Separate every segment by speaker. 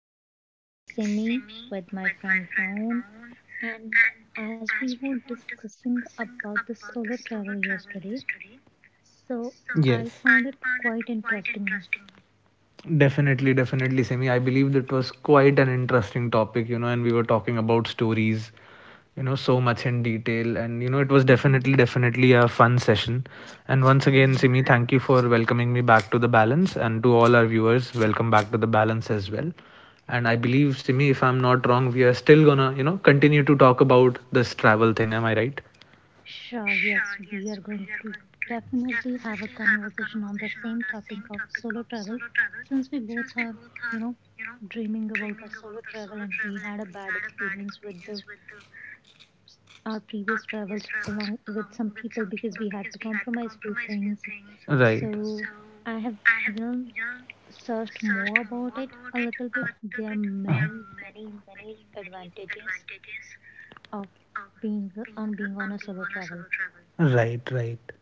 Speaker 1: again. It's Simi with my friend Ron. And as we were discussing about the solo travel yesterday, so I found it quite interesting,
Speaker 2: Definitely, definitely, Semi. I believe that was quite an interesting topic, and we were talking about stories, so much in detail. And it was definitely, definitely a fun session. And once again,
Speaker 1: right?
Speaker 2: Simi, thank you for welcoming me back to The Balance. And to all our viewers, welcome back to The Balance as well. And I believe, Simi, if I'm not wrong, we are still gonna, continue to talk about this travel thing. Am I right?
Speaker 1: Sure, yes, we are going to definitely have a conversation on the same topic of solo travel since we both are, you know, dreaming about a solo travel and we had a bad experience with the our previous travels along with some people because we had to compromise few things.
Speaker 2: Right.
Speaker 1: So I have, you know, searched more about it a little bit. There are many, many, many advantages of being being on a solo travel.
Speaker 2: Right, right.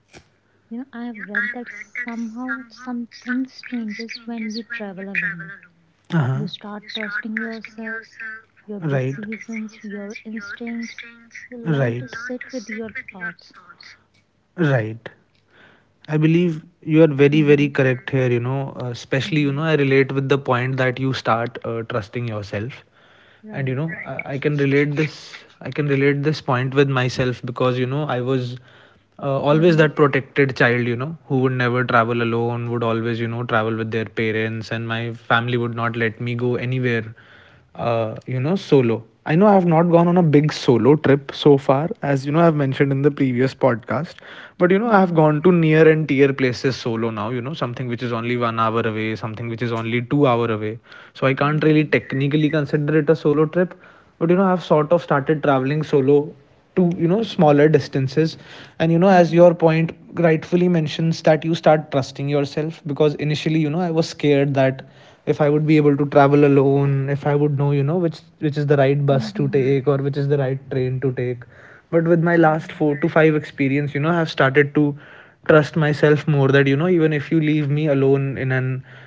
Speaker 1: You know, I have read that somehow something changes when you travel alone.
Speaker 2: Uh
Speaker 1: You
Speaker 2: huh.
Speaker 1: start trusting yourself, your
Speaker 2: Right,
Speaker 1: decisions, your instincts. You learn to
Speaker 2: right,
Speaker 1: sit with your thoughts.
Speaker 2: right. I believe you are very,
Speaker 1: Mm-hmm,
Speaker 2: very correct here. You know, uh,
Speaker 1: mm-hmm,
Speaker 2: especially, you know, I relate with the point that you start trusting yourself.
Speaker 1: right.
Speaker 2: And I can relate this. I can relate this point with myself because, I was
Speaker 1: Mhm.
Speaker 2: always that protected child, who would never travel alone, would always, travel with their parents, and my family would not let me go anywhere solo. I know I have not
Speaker 1: Okay.
Speaker 2: gone on a big solo trip so far, as you know, I've mentioned in the previous podcast. But I
Speaker 1: Mhm.
Speaker 2: have gone to near and tier places solo now, something which is only 1 hour away, something which is only 2 hour away. So I can't really
Speaker 1: Nice.
Speaker 2: technically consider it a solo trip. But I've sort of started traveling solo to smaller distances, and as
Speaker 1: Mhm.
Speaker 2: your point rightfully mentions that you start trusting yourself. Because initially I was scared that if I would be able to travel alone, if I would know, which is the right bus to
Speaker 1: Mhm.
Speaker 2: take, or which is the right train to take. But with my last
Speaker 1: Right.
Speaker 2: 4 to 5 experience, I've started to trust myself more, that even if you leave me alone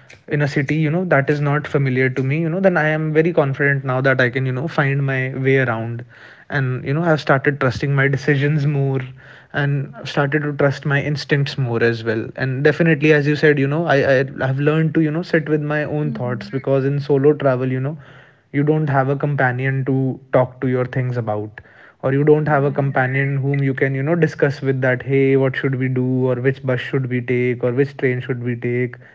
Speaker 2: in a city, that is not familiar to me, then I am very confident now that I can, find my way around. And I've started trusting my decisions more, and I've started to trust my instincts more as well. And definitely, as you said, I've learned to, sit with my own
Speaker 1: Mhm.
Speaker 2: thoughts, because in solo travel, you don't have a companion to talk to your things about, or you don't have a
Speaker 1: Right.
Speaker 2: companion whom you can, discuss with, that hey, what should we do, or which bus should we take, or which train should we take?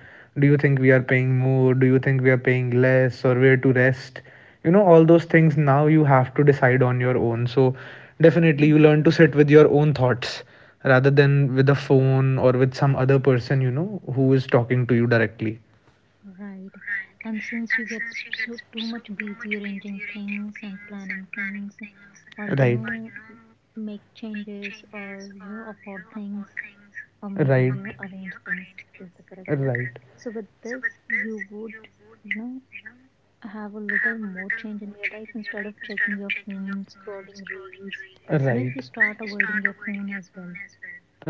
Speaker 2: Do you think we are paying more? Do you think we are paying less? Or where to rest? All those things now you have to decide on your own. So definitely, you
Speaker 1: Mhm.
Speaker 2: learn to sit with your own thoughts rather than with a phone or with some other person, who is talking to you directly.
Speaker 1: Right. And since you get so too much busy arranging things and planning things, or
Speaker 2: Right,
Speaker 1: make changes, or you know, afford things, or maybe,
Speaker 2: right,
Speaker 1: you know, arrange things is the correct word.
Speaker 2: right,
Speaker 1: So with this, you would, you know have a little more change in your life instead of checking your phone, scrolling reels. You know you
Speaker 2: right,
Speaker 1: start avoiding your phone as well?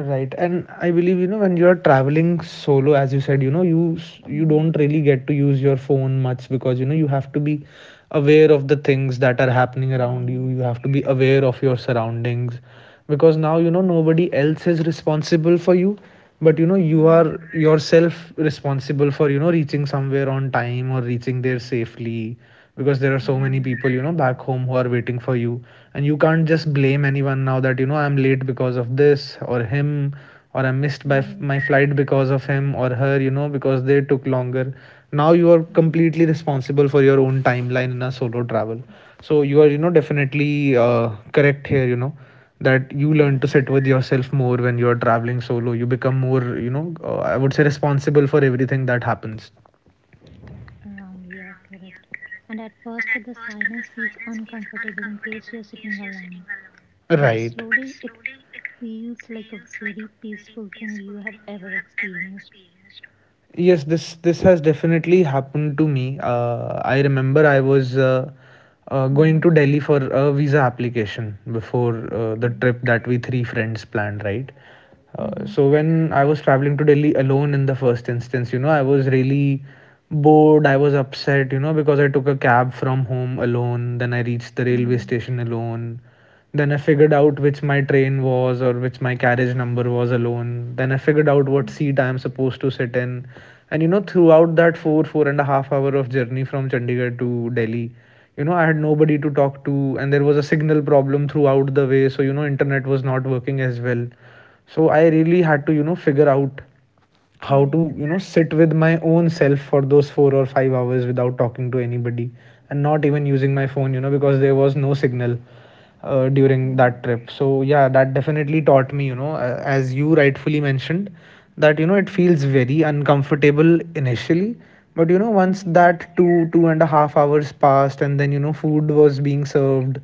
Speaker 2: right. And I believe, when you're traveling solo, as you said, you
Speaker 1: Mm-hmm.
Speaker 2: don't really get to use your phone much, because you have to be aware of the things that are happening around you. You
Speaker 1: Yes,
Speaker 2: have to be aware of your surroundings because now, nobody else is responsible for you, but you
Speaker 1: right,
Speaker 2: are yourself responsible for, reaching somewhere on time or reaching there safely, because there are so many
Speaker 1: right,
Speaker 2: people, back home, who are waiting for you. And you can't just blame anyone now, that I'm late because of this, or him, or I missed,
Speaker 1: right,
Speaker 2: my flight because of him or her, because they took longer. Now you are completely responsible for your own timeline in a solo travel. So you are, definitely, correct here, that you learn to
Speaker 1: right,
Speaker 2: sit with yourself more when you are traveling solo. You become more, I would say, responsible for everything that happens.
Speaker 1: around, yeah, correct. And at first, the silence feels uncomfortable in case you're sitting alone.
Speaker 2: Right.
Speaker 1: Slowly, it feels like a very peaceful thing you have ever experienced.
Speaker 2: Yes, this has definitely happened to me. I remember I was, going
Speaker 1: Mm-hmm.
Speaker 2: to Delhi for a visa application before, the
Speaker 1: Okay.
Speaker 2: trip that we three friends planned, right?
Speaker 1: Mm-hmm.
Speaker 2: So when I was traveling to Delhi alone, in the first instance, I was really bored. I was upset, because I took a cab from home alone. Then I reached the railway
Speaker 1: Mm-hmm.
Speaker 2: station alone. Then I figured out which my train was, or which my carriage number was, alone. Then I figured out what
Speaker 1: Mm-hmm.
Speaker 2: seat I am supposed to sit in. And throughout that four and a half hour of journey from Chandigarh to Delhi, I had nobody to talk to, and there was a signal problem throughout the way. So, internet was not working as well. So, I really had to, figure out how
Speaker 1: Nice.
Speaker 2: to sit with my own self for those 4 or 5 hours without talking to anybody, and not even using my phone, because there was no signal during
Speaker 1: Okay.
Speaker 2: that trip. So yeah, that definitely taught me, as you rightfully mentioned, that it
Speaker 1: Mm-hmm.
Speaker 2: feels very uncomfortable initially. But once
Speaker 1: Yeah.
Speaker 2: that two and a half hours passed, and then food was being served.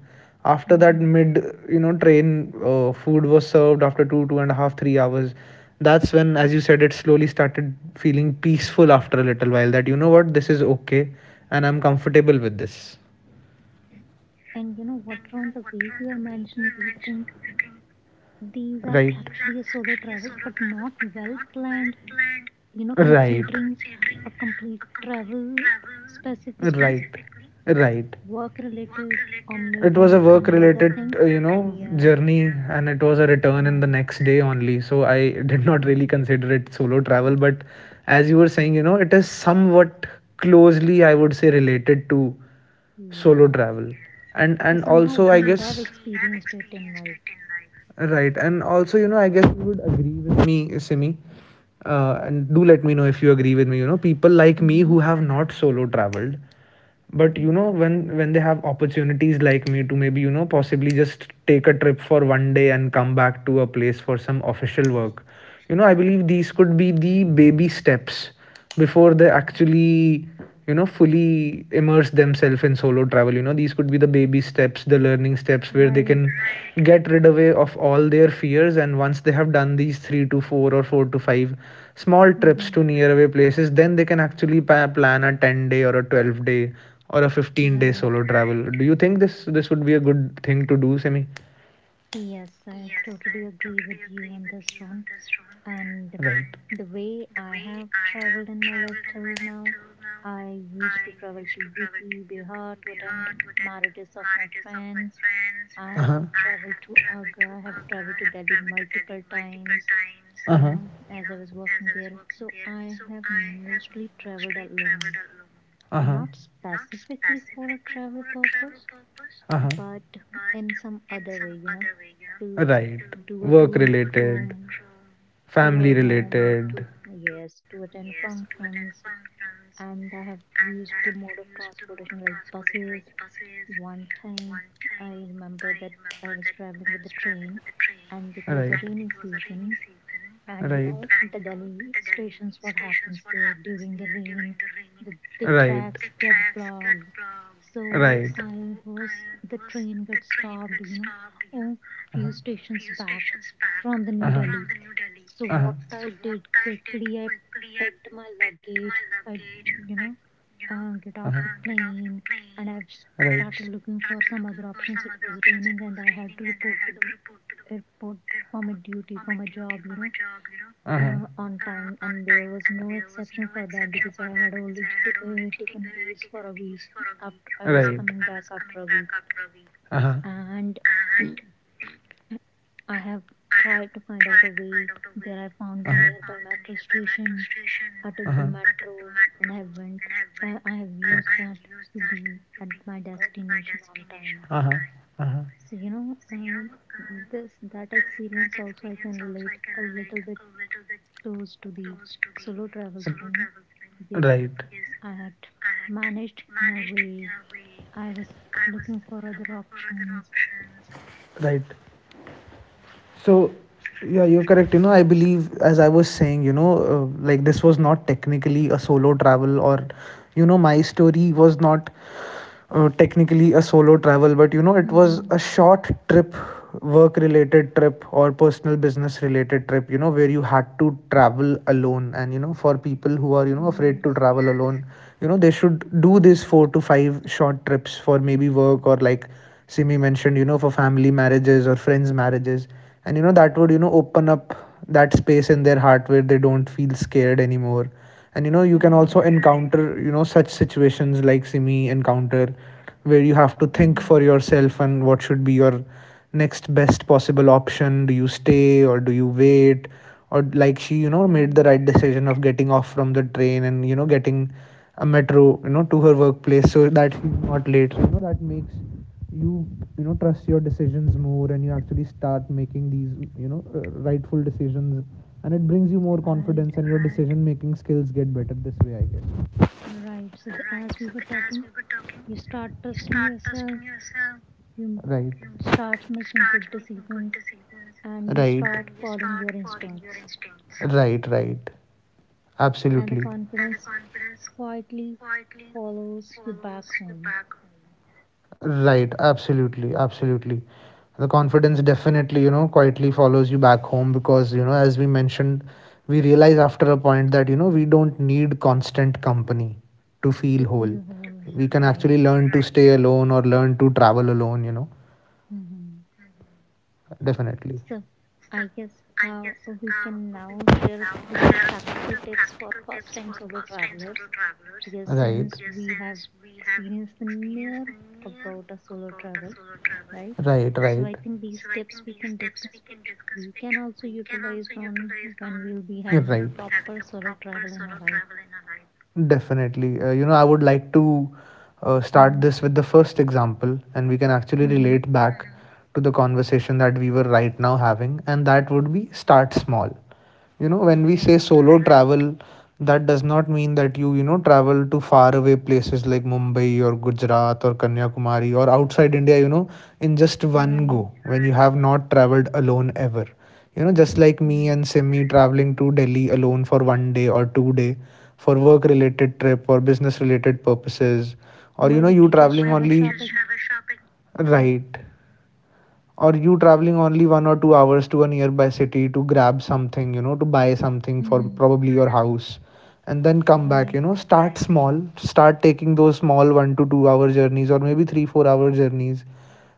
Speaker 2: After that
Speaker 1: Mm-hmm.
Speaker 2: mid, train, food was served after two, two and a half, 3 hours. That's when, as you said, it slowly started feeling peaceful after a little while, that you know what, this is okay, and I'm comfortable with this.
Speaker 1: And you know what, Ron, the way you are mentioning these things, these are
Speaker 2: Right,
Speaker 1: actually a solo travels, but not well planned, you know,
Speaker 2: right,
Speaker 1: considering a complete travel specifically,
Speaker 2: right.
Speaker 1: work related, or
Speaker 2: It was
Speaker 1: maybe
Speaker 2: a work
Speaker 1: some other
Speaker 2: related
Speaker 1: things. Yeah,
Speaker 2: journey, and it was a return in the
Speaker 1: right.
Speaker 2: next day only. So I did not really consider it solo travel. But as you were saying, it is somewhat closely, I would say, related to solo
Speaker 1: Yeah.
Speaker 2: travel. and
Speaker 1: So
Speaker 2: and
Speaker 1: somehow
Speaker 2: also I...
Speaker 1: we have experienced it in life.
Speaker 2: Right, and also I guess you would agree with me, Simi. And do let me know if you agree with me. People like me
Speaker 1: Mm-hmm.
Speaker 2: who have not solo traveled, but when they have opportunities like me to maybe possibly just take a trip for one day and come back to a place for some official work. I believe these could be the baby steps before they actually fully immerse themselves in solo travel. These could be the baby steps, the learning steps, where they
Speaker 1: Right.
Speaker 2: can get rid away of all their fears. And once they have done these 3 to 4 or 4 to 5 small trips
Speaker 1: Mm-hmm.
Speaker 2: to near away places, then they can actually plan a 10 day or a 12 day or a 15-day
Speaker 1: Right.
Speaker 2: solo travel. Do you think this would be a good thing to do, semi?
Speaker 1: Yes, I totally agree with you on this, Ron. And the way I have traveled in my life till now, I used to travel to UP, Bihar to attend marriages of friends. I have
Speaker 2: Uh-huh.
Speaker 1: traveled to Agra, I have traveled to Delhi multiple times, you
Speaker 2: Uh-huh.
Speaker 1: know, as I was working there. So I have mostly traveled alone,
Speaker 2: Uh-huh.
Speaker 1: not specifically for a travel purpose,
Speaker 2: Uh-huh.
Speaker 1: but in some other way, you know, to
Speaker 2: Right.
Speaker 1: do a
Speaker 2: Work
Speaker 1: to and
Speaker 2: related.
Speaker 1: from, to
Speaker 2: Family
Speaker 1: our home,
Speaker 2: related.
Speaker 1: to, yes, to attend functions. And I have used the mode of transportation like buses. One time I remember that I was traveling with the train and it was a
Speaker 2: Right,
Speaker 1: rainy season, and you know
Speaker 2: right,
Speaker 1: the Delhi stations, what happens there during the rain, the
Speaker 2: right,
Speaker 1: tracks get blocked. So
Speaker 2: right.
Speaker 1: I was, the train got stopped, you know, oh, few stations back from the New Delhi. So what
Speaker 2: Uh-huh.
Speaker 1: I did quickly, I packed my luggage, I, you know get off the plane, and I've started looking for some other options. It was raining and I had to report to the airport for my duty, for my job, you know,
Speaker 2: Uh-huh.
Speaker 1: on time, and there was no exception for that because I had already taken leaves for a week. After, was coming back after a week,
Speaker 2: Uh-huh.
Speaker 1: and I have tried to find out a way. There, I found the nearby metro station. I took the
Speaker 2: Uh-huh.
Speaker 1: metro, and I went. I have used that to be at my destination on time.
Speaker 2: Uh-huh.
Speaker 1: So you know, this, that experience also I can relate a little bit close to the solo travel thing because
Speaker 2: Right,
Speaker 1: I had managed in a way. I was looking for other options.
Speaker 2: right. So, yeah, you're correct. I believe, as I was saying, like this was not technically a solo travel, or, my story was not technically a solo travel, but, it was a
Speaker 1: Mm-hmm.
Speaker 2: short trip, work related trip, or personal business related trip, where you had to travel alone. And, for people who are, afraid to
Speaker 1: Yes.
Speaker 2: travel alone, they should do these four to five short trips for maybe work, or like
Speaker 1: Yes.
Speaker 2: Simi mentioned, for family marriages or friends' marriages, and that would open up that space in their heart where they don't feel scared anymore. And you can also encourage counter such situations like Simi encounter, where you have to think for
Speaker 1: Mm-hmm.
Speaker 2: yourself, and what should be your next best possible option. Do you stay or do you wait, or like she made the
Speaker 1: Right.
Speaker 2: right decision of getting off from the train and getting a metro to her workplace so that she's not late. So, that makes you you know trust your decisions more, and you actually start making these rightful decisions, and it brings you more
Speaker 1: Right.
Speaker 2: confidence, and making skills get better this way, I guess.
Speaker 1: Right. So, the, as we were talking, you start trusting yourself. You
Speaker 2: Right,
Speaker 1: start making good decisions, and you start
Speaker 2: right,
Speaker 1: following your instincts.
Speaker 2: right, right.
Speaker 1: And the
Speaker 2: Absolutely.
Speaker 1: confidence quietly follows you back home
Speaker 2: Right, absolutely, absolutely. The confidence definitely, quietly follows you back home because, as we mentioned, we realize after a point that, we don't need constant company to
Speaker 1: to
Speaker 2: feel
Speaker 1: feel
Speaker 2: whole.
Speaker 1: whole.
Speaker 2: We can
Speaker 1: Right.
Speaker 2: actually learn to stay alone or learn to travel alone.
Speaker 1: Mm-hmm.
Speaker 2: Definitely.
Speaker 1: So I guess uh, we can now share the practical tips for first time solo travelers because
Speaker 2: Right,
Speaker 1: since we have experienced the near about a solo travel, right?
Speaker 2: right,
Speaker 1: So I
Speaker 2: right.
Speaker 1: think these tips we can discuss, which we can also utilize on when we'll be having a proper solo travel in our life.
Speaker 2: Definitely. You know, I would like to start
Speaker 1: Hmm.
Speaker 2: this with the first example, and we can actually
Speaker 1: Hmm.
Speaker 2: relate back to the conversation that we were right now having, and that would be start small. You know, when we say
Speaker 1: Right.
Speaker 2: solo travel, that does not mean that you travel to far away places like Mumbai or Gujarat or Kanyakumari or outside India, you know, in just one
Speaker 1: Right.
Speaker 2: go when you have not traveled alone ever. You know, just like me
Speaker 1: Right.
Speaker 2: and Simi traveling to Delhi alone for 1 day or 2 day for work related trip or business related purposes
Speaker 1: Or
Speaker 2: or you know
Speaker 1: maybe to
Speaker 2: you
Speaker 1: just
Speaker 2: travel
Speaker 1: have a shopping.
Speaker 2: right, or you traveling only 1 or 2 hours to a nearby city to grab something, to buy something for
Speaker 1: Mm-hmm.
Speaker 2: probably your house and then come back.
Speaker 1: Right.
Speaker 2: You know, start small, start taking those small 1 to 2 hour journeys or maybe 3 4 hour journeys.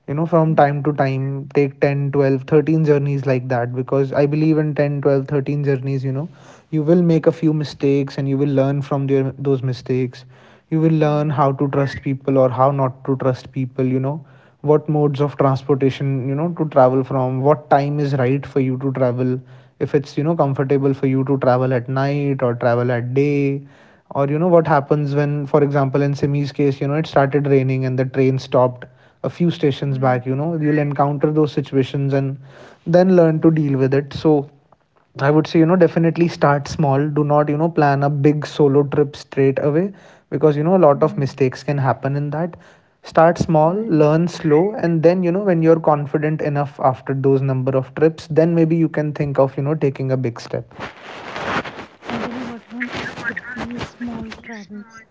Speaker 2: You know, from time to time take 10 12 13 journeys like that because I believe in 10 12 13 journeys, you know, you will make a few mistakes and you will learn from those mistakes. You will learn
Speaker 1: Right.
Speaker 2: how to trust people or how not to trust people, you know, what modes of transportation, you know, to travel from, what time is right for you to travel, if it's, you know, comfortable for you to travel at night or travel at day, or you know what happens when, for example, in Simi's case, you know, it started raining and the train stopped a few stations back.
Speaker 1: Right.
Speaker 2: You know, you'll encounter those situations and then learn to deal with it. So I would say, you know, definitely start small. Do not, you know, plan a big solo trip straight away because, you know, a lot of
Speaker 1: Mm-hmm.
Speaker 2: mistakes can happen in that. Start small,
Speaker 1: Right.
Speaker 2: learn slow, and then, you know, when you're confident enough after those number of trips, then maybe you can think of, you know, taking a big step.
Speaker 1: And you know what, Ron? With these small travels,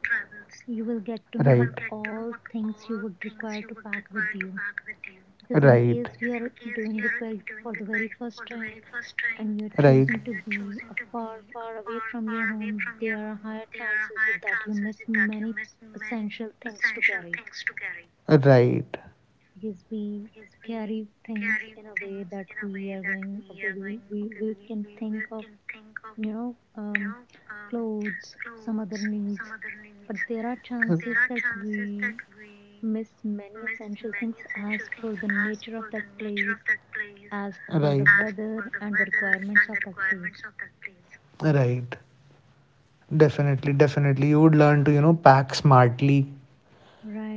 Speaker 1: you will get to know what
Speaker 2: Right,
Speaker 1: all things you would require to pack with you because in
Speaker 2: right,
Speaker 1: case you are doing it very for the very first time and you're
Speaker 2: right,
Speaker 1: choosing to be a far far away from your home, there are higher chances that you miss many essential things to carry
Speaker 2: right,
Speaker 1: because we carry things in a way that we are going, okay, we can think of, you know um clothes, some other needs, but there are chances that we missed many essential things as per the nature of that place, as per
Speaker 2: right,
Speaker 1: the weather and the requirements of that place.
Speaker 2: right. Definitely, definitely. You would learn to, you know, pack smartly,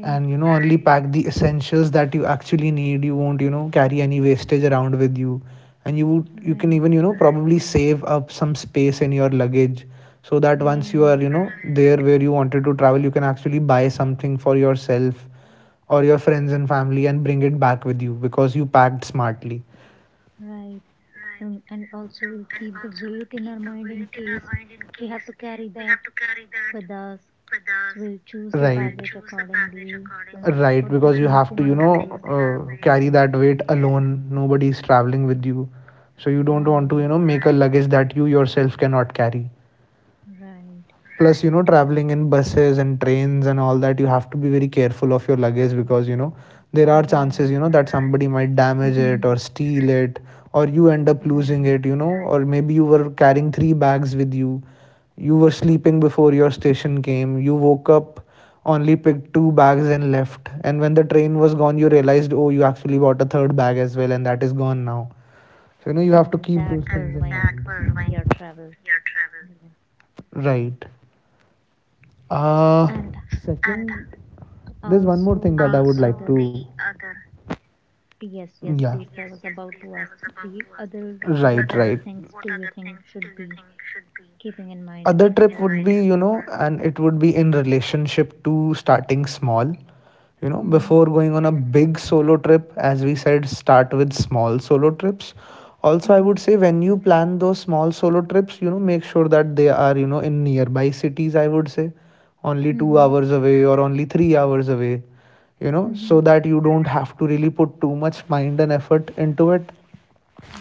Speaker 2: and you know only pack the essentials that you actually need. You won't, you know, carry any wastage around with you, and you can
Speaker 1: right,
Speaker 2: even, you know, probably save up some space in your luggage so that once you are,
Speaker 1: right,
Speaker 2: you know, there where you wanted to travel, you can actually buy something for yourself or your friends and family and bring it back with you because you packed smartly.
Speaker 1: right. And also, we'll keep the weight in our mind in case we have to carry that with us. So, we'll choose the baggage accordingly. We'll
Speaker 2: Right,
Speaker 1: put the
Speaker 2: because you
Speaker 1: things
Speaker 2: have
Speaker 1: in
Speaker 2: to
Speaker 1: our way.
Speaker 2: carry
Speaker 1: Yes,
Speaker 2: that weight alone. Nobody is traveling with you, so you don't want to,
Speaker 1: right,
Speaker 2: you know, make a luggage that you yourself cannot carry.
Speaker 1: right,
Speaker 2: Plus, you know, traveling in buses and trains and all that, you have to be very careful of your luggage because, you know, there are
Speaker 1: right,
Speaker 2: chances, you know, that somebody might damage it or steal it, or you end up losing
Speaker 1: right.
Speaker 2: it, you know, or maybe you were carrying three bags with you. You were sleeping before your station came. You woke up, only picked two bags and left, and when the train was gone, you realized, oh, you actually bought a third bag as well, and that is gone now. So, you know, you have to
Speaker 1: And
Speaker 2: keep
Speaker 1: that
Speaker 2: those
Speaker 1: will ruin your travel. Yeah.
Speaker 2: right. uh
Speaker 1: And
Speaker 2: sec- there's one more
Speaker 1: also,
Speaker 2: thing,
Speaker 1: the other, yes, yes,
Speaker 2: yeah
Speaker 1: please. I was about to ask the other, what other things do you think should be keeping in mind?
Speaker 2: other you know, and it would be in relationship to starting small. You know,
Speaker 1: Mm-hmm,
Speaker 2: before going on a big solo trip, as we said, start with small solo trips. Also, I would say when you plan those small solo trips, you know, make sure that they are, you know, in nearby cities, I would say, only two
Speaker 1: mm-hmm,
Speaker 2: hours away or only 3 hours away, you know, so
Speaker 1: mm-hmm.
Speaker 2: that you don't have to really put too much mind and effort into it.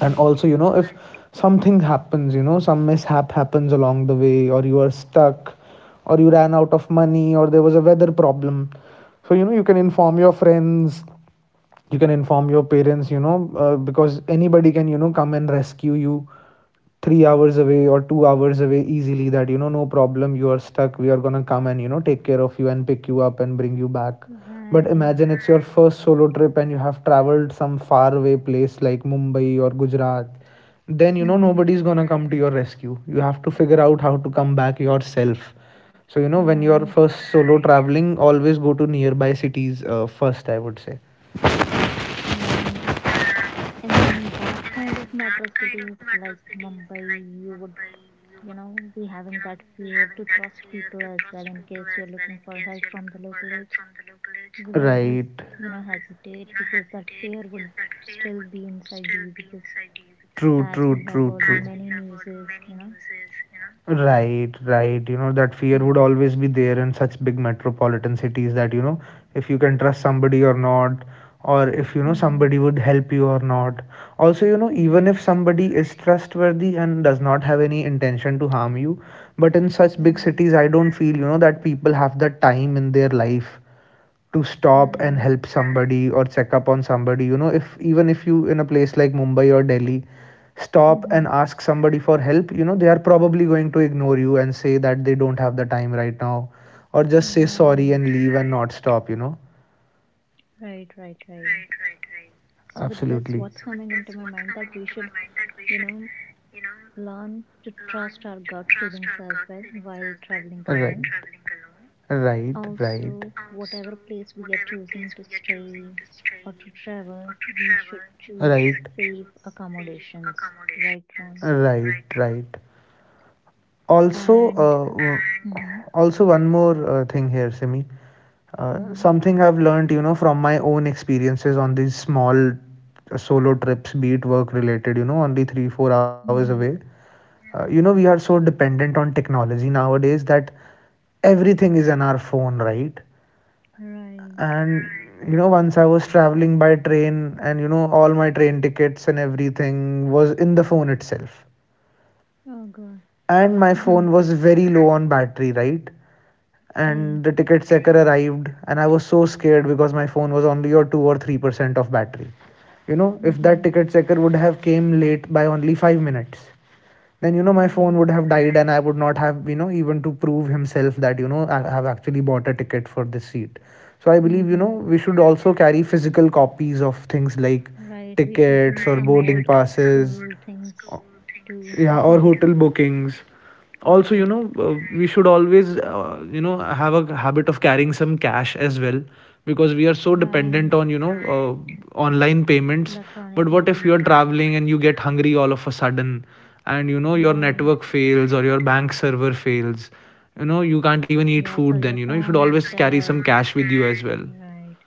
Speaker 2: And also, you know, if something happens, you know, some mishap happens along the way, or you are stuck, or you ran out of money, or there was a weather problem, so, you know, you can inform your friends, you can inform your parents, you know, because anybody can, you know, come and rescue you 3 hours away or 2 hours away easily, that, you know, no problem, you are stuck, we are going to come and, you know, take care of you and pick you up and bring you back. But
Speaker 1: right,
Speaker 2: imagine it's your first solo trip and you have traveled some far away place like Mumbai or Gujarat, then, you know,
Speaker 1: mm-hmm,
Speaker 2: nobody's going to come to your rescue. You have to figure out how to come back yourself. So, you know, when you're
Speaker 1: right.
Speaker 2: first solo traveling, always go to nearby cities, first, I would say.
Speaker 1: And in that kind of metro cities like Mumbai, you would, you know, be having that fear to trust people as well in case you're looking for help from the local aids. You would always,
Speaker 2: Right.
Speaker 1: you know, hesitate because that fear would still be inside you because
Speaker 2: True,
Speaker 1: as we
Speaker 2: true,
Speaker 1: have
Speaker 2: true.
Speaker 1: heard many newses, you know.
Speaker 2: Right, right. You know, that fear would always be there in such big metropolitan cities that, you know, if you can trust somebody or not, or if, you know,
Speaker 1: Mm-hmm.
Speaker 2: somebody would help you or not. Also, you know, even if somebody is trustworthy and does not have any intention to harm you, but in such big
Speaker 1: Right,
Speaker 2: cities, I don't feel, you know, that people have that time in their life to stop and
Speaker 1: right.
Speaker 2: help somebody or check up on somebody, you know. If even if you in a place like Mumbai or Delhi stop
Speaker 1: Mm-hmm.
Speaker 2: and ask somebody for help, you know, they are probably going to ignore you and say that they don't have the time right now, or just say sorry
Speaker 1: Right,
Speaker 2: and leave and not stop, you know.
Speaker 1: right, right, right. So with this,
Speaker 2: Absolutely.
Speaker 1: what's coming into my mind that we should, you know, learn to trust our gut feelings as well while traveling alone.
Speaker 2: Right, right,
Speaker 1: Also, whatever place we are choosing to stay or to travel, we should choose safe accommodations, right, Ron?
Speaker 2: right. Also,
Speaker 1: And mm-hmm,
Speaker 2: also one more thing here, Simi,
Speaker 1: mm-hmm,
Speaker 2: something I've learned, you know, from my own experiences on these small solo trips, be it work related, you know, only 3 4 hours away.
Speaker 1: mm-hmm,
Speaker 2: You know, we are so dependent on technology nowadays that everything is on our phone, right?
Speaker 1: right.
Speaker 2: And, you know, once I was traveling by train, and you know all my train tickets and everything was in the phone itself,
Speaker 1: Oh God.
Speaker 2: and my
Speaker 1: Mhm,
Speaker 2: phone was very low on battery, right?
Speaker 1: okay.
Speaker 2: And the ticket checker arrived, and I was so scared because my phone was only or 2 or 3% of battery. You know, if
Speaker 1: Mm-hmm,
Speaker 2: that ticket checker would have came late by only 5 minutes, then, you know, my
Speaker 1: right.
Speaker 2: phone would have died, and I would not have, you know, even to prove himself that, you know, I have actually bought a ticket for this seat. So I believe, you know,
Speaker 1: Mm-hmm,
Speaker 2: we should also carry physical copies of things like
Speaker 1: right. We should do
Speaker 2: tickets or
Speaker 1: some
Speaker 2: boarding
Speaker 1: old
Speaker 2: passes.
Speaker 1: school things too.
Speaker 2: Yeah, or
Speaker 1: Yeah.
Speaker 2: hotel bookings. Also, you
Speaker 1: Right.
Speaker 2: know, we should always you know, have a habit of carrying some cash as well, because we are so dependent
Speaker 1: Right.
Speaker 2: on, you know, online payments. But
Speaker 1: Electronic
Speaker 2: what if
Speaker 1: money.
Speaker 2: you're
Speaker 1: Yeah.
Speaker 2: traveling and you get hungry all of a sudden, and you know your
Speaker 1: Right.
Speaker 2: network fails or your bank server fails, you know, you can't even eat
Speaker 1: Yes,
Speaker 2: food,
Speaker 1: or
Speaker 2: then,
Speaker 1: your
Speaker 2: you know, you should
Speaker 1: phone
Speaker 2: always
Speaker 1: is
Speaker 2: carry some
Speaker 1: dead.
Speaker 2: cash with you as well.
Speaker 1: Right,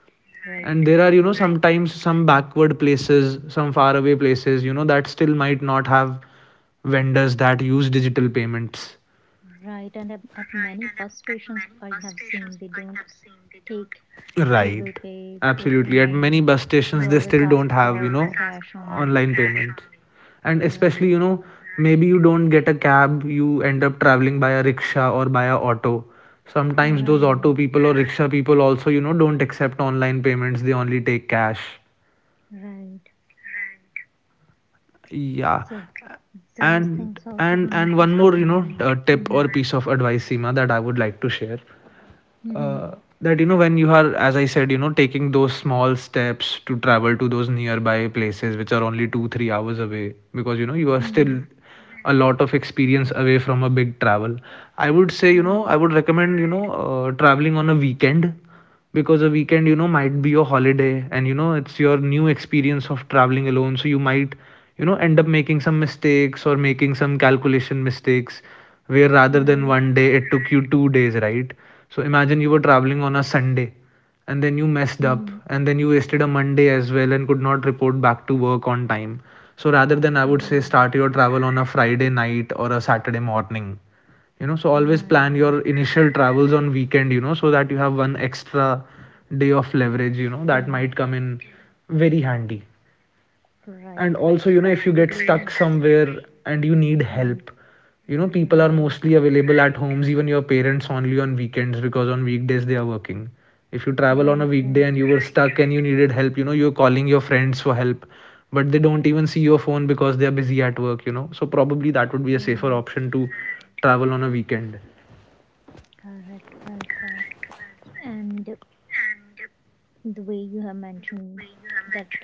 Speaker 1: right,
Speaker 2: And there
Speaker 1: right,
Speaker 2: are, you know,
Speaker 1: right,
Speaker 2: sometimes some backward places, some faraway places, you know, that still might not have vendors that use digital payments.
Speaker 1: right. And at many bus stations, I have seen they don't take
Speaker 2: Right.
Speaker 1: Google Pay,
Speaker 2: Absolutely,
Speaker 1: Paytm
Speaker 2: at many
Speaker 1: money.
Speaker 2: bus stations
Speaker 1: They
Speaker 2: they still
Speaker 1: always
Speaker 2: don't
Speaker 1: ask
Speaker 2: have, you know,
Speaker 1: for cash only.
Speaker 2: online payment. And especially, you
Speaker 1: Right,
Speaker 2: know, maybe you don't get a cab, you end up traveling by a rickshaw or by a auto. Sometimes those auto
Speaker 1: right,
Speaker 2: people or rickshaw people also, you know, don't accept online payments, they only take cash.
Speaker 1: right.
Speaker 2: Yeah.
Speaker 1: So those
Speaker 2: and
Speaker 1: things also
Speaker 2: and
Speaker 1: we
Speaker 2: and
Speaker 1: need to
Speaker 2: one more,
Speaker 1: keep
Speaker 2: you
Speaker 1: in
Speaker 2: know,
Speaker 1: mind.
Speaker 2: tip
Speaker 1: Mm-hmm,
Speaker 2: or piece of advice, Seema, that I would like to share,
Speaker 1: mm-hmm,
Speaker 2: uh, that, you know, when you are, as I said, you know, taking those small steps to travel to those nearby places which are only 2 3 hours away, because, you know, you are still
Speaker 1: mm-hmm.
Speaker 2: a lot of experience away from a big travel, I would say, you know, I
Speaker 1: Right,
Speaker 2: would recommend, you know, traveling on a weekend. Because a weekend, you know, might be your holiday, and you know it's your new experience of traveling alone, so you might, you know, end up making some mistakes or making some calculation mistakes where rather than
Speaker 1: right,
Speaker 2: 1 day it took you 2 days, right? So imagine you were traveling on a Sunday, and then you messed up,
Speaker 1: mm-hmm.
Speaker 2: and then you wasted a Monday as well and could not report back to work on time. So rather than, I would say, start
Speaker 1: Right,
Speaker 2: your travel on a Friday night or a Saturday morning, you know, so always plan your
Speaker 1: right,
Speaker 2: initial travels on weekend, you know, so that you have one extra day of leverage, you know, that
Speaker 1: T-
Speaker 2: might come in very handy. And
Speaker 1: right,
Speaker 2: also,
Speaker 1: right.
Speaker 2: you know, if you get stuck
Speaker 1: Specifically,
Speaker 2: somewhere and you need help,
Speaker 1: mhm,
Speaker 2: you know, people are
Speaker 1: right,
Speaker 2: mostly available at homes, even your parents, only on weekends, because on weekdays they are working. If you travel on a
Speaker 1: right,
Speaker 2: weekday and
Speaker 1: right,
Speaker 2: you were stuck and you needed help, you know, you're calling your friends for help, but they don't even see your phone because they are busy at work, you know. So probably that would be a safer
Speaker 1: right.
Speaker 2: option, to travel on a weekend.
Speaker 1: Correct, well said. And the way you have mentioned that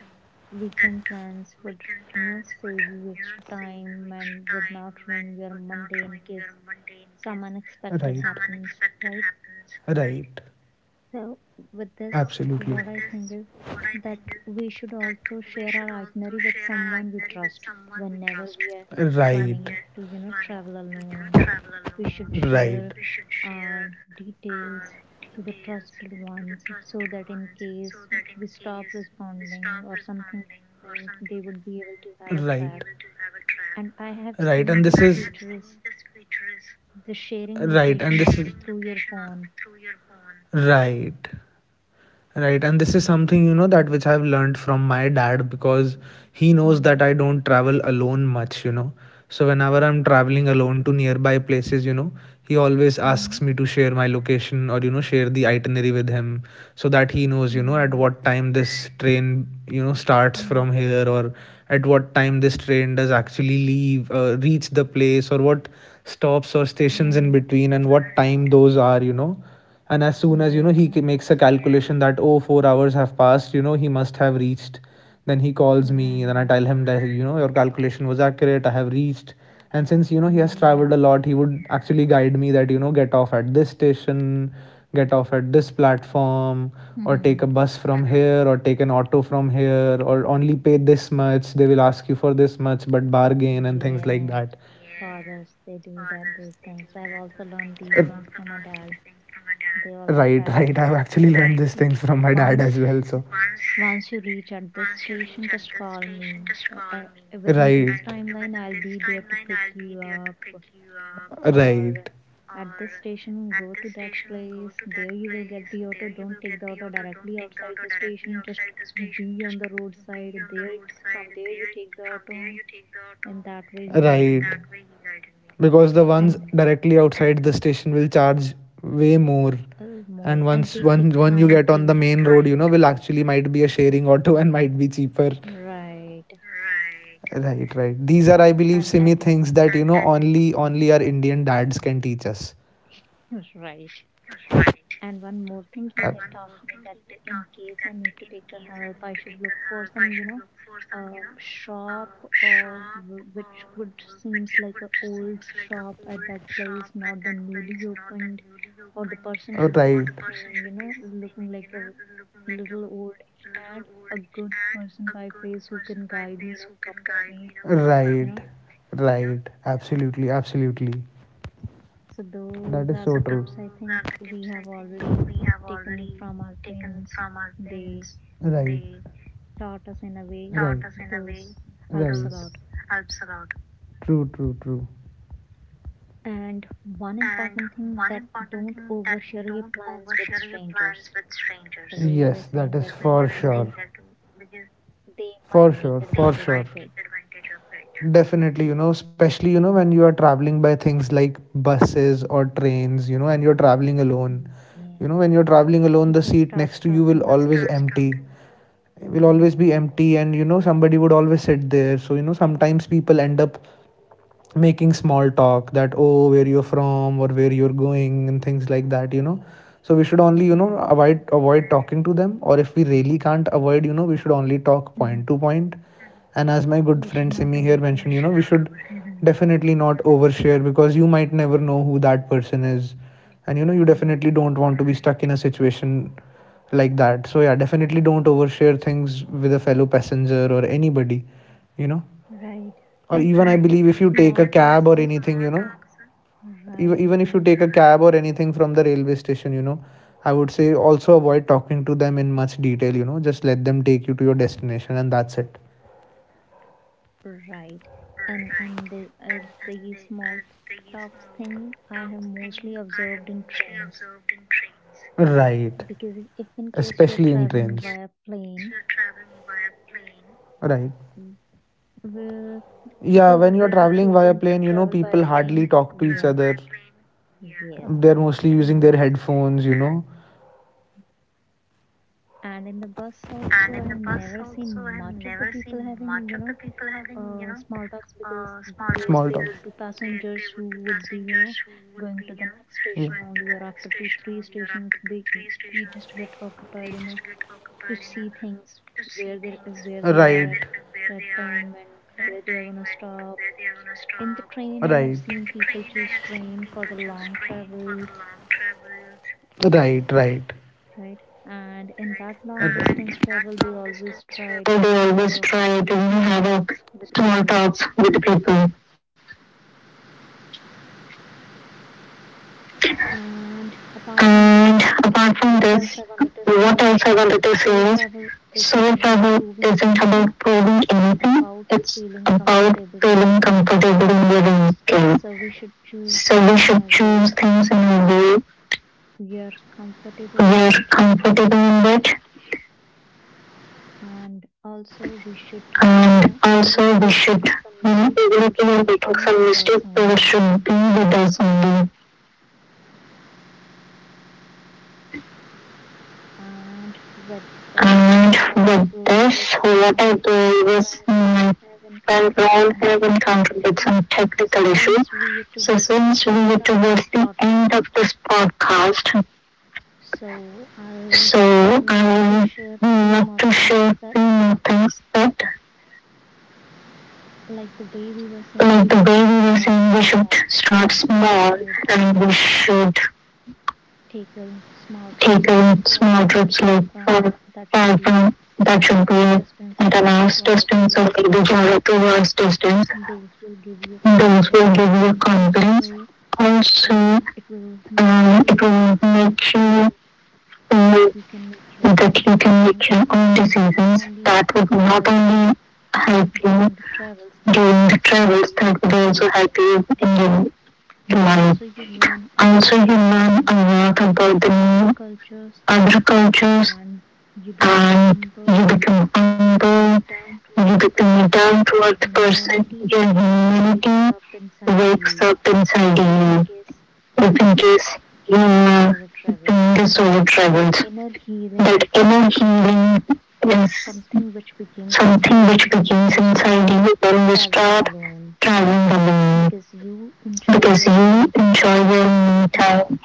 Speaker 1: weekend plans would, you know, save you extra time and would not ruin your Monday in case some
Speaker 2: Right,
Speaker 1: unexpected happens, right?
Speaker 2: right,
Speaker 1: So, with this,
Speaker 2: absolutely.
Speaker 1: what I think is that we should also share our itinerary with someone we trust whenever we are
Speaker 2: Right,
Speaker 1: planning to, you know, travel alone. We should
Speaker 2: right,
Speaker 1: share our details to the trusted ones so that in case we stop responding or something happens, they would be able to have a track. And I have
Speaker 2: right.
Speaker 1: seen
Speaker 2: And this
Speaker 1: this
Speaker 2: is
Speaker 1: feature is the sharing
Speaker 2: right,
Speaker 1: location
Speaker 2: and this
Speaker 1: through your phone.
Speaker 2: right. Right and this is something you know that which I've learned from my dad, because he knows
Speaker 1: Mm-hmm.
Speaker 2: that I don't travel alone much, you know. So whenever I'm traveling alone to nearby places, you know, he always asks me to share my location or, you know, share the itinerary with him, so that he knows, you know, at
Speaker 1: Nice.
Speaker 2: what time this train, you know, starts
Speaker 1: Mm.
Speaker 2: from here, or at what time this train does actually leave reach the place, or what stops or stations in
Speaker 1: Right.
Speaker 2: between, and what time those are, you know. And as soon as, you know, he
Speaker 1: Yeah.
Speaker 2: makes a calculation that, oh, 4 hours have passed, you know, he must have reached. Then he calls me, then I
Speaker 1: Right.
Speaker 2: tell him that, you know, your calculation was accurate, I have reached. And since, you know, he has traveled
Speaker 1: Yeah.
Speaker 2: a lot, he would actually guide me that, you know, get off at this station, get off at this platform, or take a bus from here, or take an auto from here, or only pay this much, they will ask you for this much but bargain, and things like
Speaker 1: Yes.
Speaker 2: that.
Speaker 1: Fathers, they do that, those things. I've also learned these things from my dad. They always
Speaker 2: Right,
Speaker 1: guide.
Speaker 2: right, I've actually learned these things from my dad
Speaker 1: Once,
Speaker 2: as well. So
Speaker 1: once you reach at this station, just call me. But I, within
Speaker 2: right.
Speaker 1: this timeline, I'll be there to pick you up. Or
Speaker 2: Right.
Speaker 1: at this station, go to that place. There you will get the auto. Don't take the auto directly outside the station. Just be on the roadside. There, from there, you take the auto. And that way, he guided me.
Speaker 2: Because the ones
Speaker 1: And
Speaker 2: directly outside the station will charge way more.
Speaker 1: more.
Speaker 2: And
Speaker 1: And
Speaker 2: once
Speaker 1: they take
Speaker 2: one you
Speaker 1: time
Speaker 2: get on the
Speaker 1: too.
Speaker 2: main road, you know, will actually might be a sharing auto and might be cheaper.
Speaker 1: Right.
Speaker 2: Right, right. These are, I believe, Simi,
Speaker 1: And
Speaker 2: things that only our Indian dads can teach us.
Speaker 1: right. And one more thing he had taught me, that in case I need to take a help, I should look for some, you know, shop or which would seems like a old shop at that place, not the newly opened, or the person should seeming, you know, looking like a little old age and a good person by face who can guide me in a proper way, you know.
Speaker 2: Right. Absolutely, absolutely.
Speaker 1: So those
Speaker 2: That is
Speaker 1: are the tips I think we have already taken from our parents. They
Speaker 2: right.
Speaker 1: taught us in a way, those helps a lot.
Speaker 2: True, true, true.
Speaker 1: And one important thing, that don't overshare your plans with strangers. The way I was
Speaker 2: Yes,
Speaker 1: saying
Speaker 2: that
Speaker 1: that
Speaker 2: is
Speaker 1: because they might
Speaker 2: for
Speaker 1: take
Speaker 2: sure.
Speaker 1: advantage of it.
Speaker 2: Definitely, you know, especially, you know, when you are traveling by things like buses or trains, you know, and you're traveling alone.
Speaker 1: Mm. Yeah.
Speaker 2: You know, when you're traveling alone, the seat next
Speaker 1: Starts
Speaker 2: to you will
Speaker 1: talking.
Speaker 2: will always be empty, and you know somebody would always sit there. So, you know, sometimes people end up making small talk, that, oh, where you're from or where you're going, and things like that, you know. So we should only, you know,
Speaker 1: Right.
Speaker 2: avoid talking to them, or if we really can't avoid, you know, we should only talk point
Speaker 1: Mhm.
Speaker 2: to point. And as my good
Speaker 1: We should
Speaker 2: friend
Speaker 1: not
Speaker 2: Simi here mentioned,
Speaker 1: overshare.
Speaker 2: you know, we should
Speaker 1: Mhm.
Speaker 2: definitely not overshare, because you might never know who that person is, and you know you
Speaker 1: Right.
Speaker 2: definitely don't want to be stuck in a situation like that. So yeah, definitely don't overshare things with a fellow passenger or anybody, you know.
Speaker 1: Right.
Speaker 2: Or even I
Speaker 1: And the
Speaker 2: believe if you take a
Speaker 1: small talk.
Speaker 2: cab or anything, you know, even,
Speaker 1: Right.
Speaker 2: even if you take a cab or anything from the railway station, you know, I would say also avoid talking to them in much detail, you know, just let them take you to your destination, and that's it.
Speaker 1: Right. And the small talk thing I have mostly observed in trains
Speaker 2: Right,
Speaker 1: because if in case you're
Speaker 2: especially in
Speaker 1: traveling
Speaker 2: trains.
Speaker 1: via plane,
Speaker 2: Right.
Speaker 1: w- will
Speaker 2: Yeah,
Speaker 1: the
Speaker 2: when you're
Speaker 1: people who will
Speaker 2: traveling
Speaker 1: be
Speaker 2: via plane, you
Speaker 1: choosing
Speaker 2: know, people
Speaker 1: travel by
Speaker 2: hardly talk
Speaker 1: plane,
Speaker 2: to each
Speaker 1: yeah,
Speaker 2: other.
Speaker 1: yes,
Speaker 2: They're mostly using their
Speaker 1: and
Speaker 2: headphones, you know.
Speaker 1: and in the bus also, I have never seen much of the people having, you know, small talks, because they would be passengers who would be, you know, going to the next station only, or after two three stations, they just get occupied in a to see things where they are at that time and where they are going to stop. In the train
Speaker 2: Right,
Speaker 1: I have seen people choose train for the long travels,
Speaker 2: right, right.
Speaker 1: right, and in that long distance travel they always try to, you know, have a small talks with the people. And apart
Speaker 2: Apart
Speaker 1: from
Speaker 2: from
Speaker 1: this,
Speaker 2: this,
Speaker 1: what
Speaker 2: what else
Speaker 1: else
Speaker 2: I wanted
Speaker 1: I
Speaker 2: to
Speaker 1: say
Speaker 2: say
Speaker 1: is
Speaker 2: is
Speaker 1: solo
Speaker 2: solo
Speaker 1: travel,
Speaker 2: travel isn't about
Speaker 1: proving
Speaker 2: proving
Speaker 1: anything
Speaker 2: anything, it's
Speaker 1: about
Speaker 2: about
Speaker 1: feeling
Speaker 2: feeling comfortable in
Speaker 1: calm
Speaker 2: your
Speaker 1: skin.
Speaker 2: skin.
Speaker 1: So
Speaker 2: So we
Speaker 1: we should
Speaker 2: should choose
Speaker 1: choose
Speaker 2: things
Speaker 1: things
Speaker 2: in
Speaker 1: in a
Speaker 2: a way
Speaker 1: way we
Speaker 2: we're
Speaker 1: are
Speaker 2: comfortable in
Speaker 1: in,
Speaker 2: it,
Speaker 1: but
Speaker 2: and
Speaker 1: and
Speaker 2: also
Speaker 1: also
Speaker 2: we
Speaker 1: we
Speaker 2: should,
Speaker 1: should,
Speaker 2: you
Speaker 1: you
Speaker 2: know,
Speaker 1: know,
Speaker 2: even
Speaker 1: even
Speaker 2: if
Speaker 1: if
Speaker 2: we
Speaker 1: we
Speaker 2: are
Speaker 1: are
Speaker 2: making
Speaker 1: making
Speaker 2: some
Speaker 1: some
Speaker 2: mistakes,
Speaker 1: mistakes,
Speaker 2: there
Speaker 1: those
Speaker 2: should be
Speaker 1: should be
Speaker 2: with
Speaker 1: with
Speaker 2: us
Speaker 1: us only.
Speaker 2: only. And
Speaker 1: And with
Speaker 2: with
Speaker 1: this,
Speaker 2: this,
Speaker 1: what
Speaker 2: what I
Speaker 1: I
Speaker 2: did
Speaker 1: believe
Speaker 2: was
Speaker 1: is my
Speaker 2: my
Speaker 1: friend Ron
Speaker 2: background
Speaker 1: have
Speaker 2: have
Speaker 1: encountered
Speaker 2: encountered
Speaker 1: with
Speaker 2: with
Speaker 1: some
Speaker 2: some
Speaker 1: technical
Speaker 2: technical
Speaker 1: issue.
Speaker 2: issue.
Speaker 1: So
Speaker 2: So since
Speaker 1: since
Speaker 2: we
Speaker 1: we
Speaker 2: were
Speaker 1: are towards
Speaker 2: towards the
Speaker 1: the end
Speaker 2: end
Speaker 1: of,
Speaker 2: of this podcast, so
Speaker 1: I'll
Speaker 2: I would
Speaker 1: love
Speaker 2: love
Speaker 1: to
Speaker 2: to
Speaker 1: share
Speaker 2: share few
Speaker 1: few
Speaker 2: more
Speaker 1: more
Speaker 2: things, that like the
Speaker 1: the
Speaker 2: way
Speaker 1: way
Speaker 2: we
Speaker 1: we
Speaker 2: were
Speaker 1: were
Speaker 2: saying
Speaker 1: saying
Speaker 2: we
Speaker 1: we should.
Speaker 2: should start small, and we should take in small trips like for five, that should be at an hour's distance or maybe general two distance. Those will give you confidence. Also,
Speaker 1: So
Speaker 2: it
Speaker 1: it will
Speaker 2: will
Speaker 1: make
Speaker 2: make you know that you can make
Speaker 1: our
Speaker 2: your own
Speaker 1: own
Speaker 2: decisions. That would not only
Speaker 1: help
Speaker 2: help you during
Speaker 1: the
Speaker 2: the
Speaker 1: travel,
Speaker 2: travels, that would also help you in your life. Also, you
Speaker 1: learn
Speaker 2: learn a lot about the
Speaker 1: the
Speaker 2: new other cultures, and you become
Speaker 1: humble,
Speaker 2: humble, you become a down to earth person, your
Speaker 1: your humanity
Speaker 2: humanity
Speaker 1: wakes
Speaker 2: wakes
Speaker 1: up
Speaker 2: up inside
Speaker 1: inside you.
Speaker 2: you.
Speaker 1: If
Speaker 2: If in
Speaker 1: in
Speaker 2: case
Speaker 1: case
Speaker 2: you
Speaker 1: you are doing
Speaker 2: think the travelled,
Speaker 1: a
Speaker 2: that
Speaker 1: inner
Speaker 2: inner
Speaker 1: healing,
Speaker 2: healing is something
Speaker 1: thing
Speaker 2: which
Speaker 1: which begins
Speaker 2: begins inside
Speaker 1: inside you,
Speaker 2: you when you start traveling
Speaker 1: traveling alone.
Speaker 2: alone, because you
Speaker 1: Enjoy
Speaker 2: enjoy your
Speaker 1: your me
Speaker 2: me time,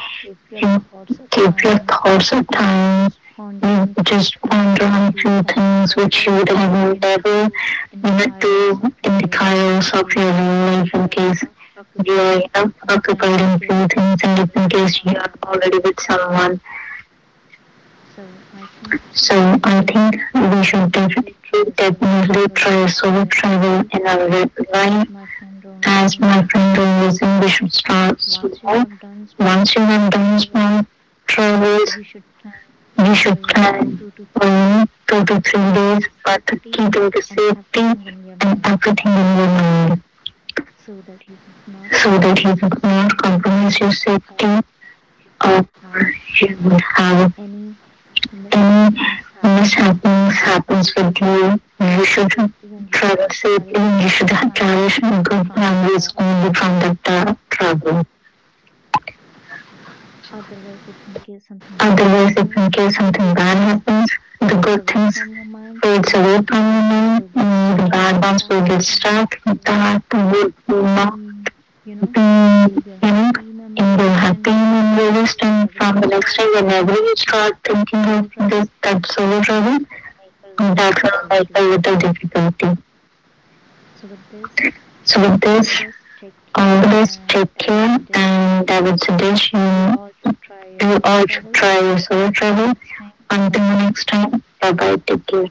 Speaker 2: you give your thoughts at
Speaker 1: time,
Speaker 2: time. You just ponder
Speaker 1: ponder on
Speaker 2: on few
Speaker 1: few things,
Speaker 2: things which you would have never do in the chaos
Speaker 1: chaos,
Speaker 2: of
Speaker 1: the
Speaker 2: your
Speaker 1: real
Speaker 2: life, in case you are, you know, occupied in few things, and in case you are already with someone. So I think we should definitely try solo travel in our
Speaker 1: life.
Speaker 2: life. As my friend was saying, we should start small. Once you
Speaker 1: You
Speaker 2: have
Speaker 1: have
Speaker 2: done
Speaker 1: done small
Speaker 2: small
Speaker 1: travel
Speaker 2: travels, we should plan two to three
Speaker 1: days
Speaker 2: days, but keeping the safety and everything in your mind,
Speaker 1: so
Speaker 2: so
Speaker 1: that
Speaker 2: that you
Speaker 1: you would
Speaker 2: would
Speaker 1: not
Speaker 2: not compromise
Speaker 1: compromise your
Speaker 2: your safety,
Speaker 1: safety or
Speaker 2: or
Speaker 1: you
Speaker 2: you
Speaker 1: would
Speaker 2: would
Speaker 1: have
Speaker 2: have
Speaker 1: any
Speaker 2: any mishappens
Speaker 1: mishappens happens
Speaker 2: happens
Speaker 1: with
Speaker 2: with
Speaker 1: you.
Speaker 2: you.
Speaker 1: You
Speaker 2: You should
Speaker 1: should travel
Speaker 2: travel safely.
Speaker 1: safely, and
Speaker 2: You should have cherish good memories
Speaker 1: only
Speaker 2: only
Speaker 1: from
Speaker 2: from
Speaker 1: the
Speaker 2: that travel. Otherwise, if in case something bad happens, the good things
Speaker 1: things fades
Speaker 2: fades away from
Speaker 1: from your mind,
Speaker 2: you,
Speaker 1: only
Speaker 2: and
Speaker 1: the
Speaker 2: the bad ones will get stuck. That would not be,
Speaker 1: be, you
Speaker 2: you
Speaker 1: know,
Speaker 2: know,
Speaker 1: in
Speaker 2: in your
Speaker 1: your
Speaker 2: happy
Speaker 1: be
Speaker 2: and
Speaker 1: memory
Speaker 2: your
Speaker 1: list
Speaker 2: list.
Speaker 1: and
Speaker 2: And from the next time, whenever you start thinking of this, that solo
Speaker 1: solo trip.
Speaker 2: travel, that will like a little difficulty. So with this, always take care, and I would suggest you, you all should try your solo travel. Until
Speaker 1: Until the
Speaker 2: next
Speaker 1: next
Speaker 2: time, bye bye, take care.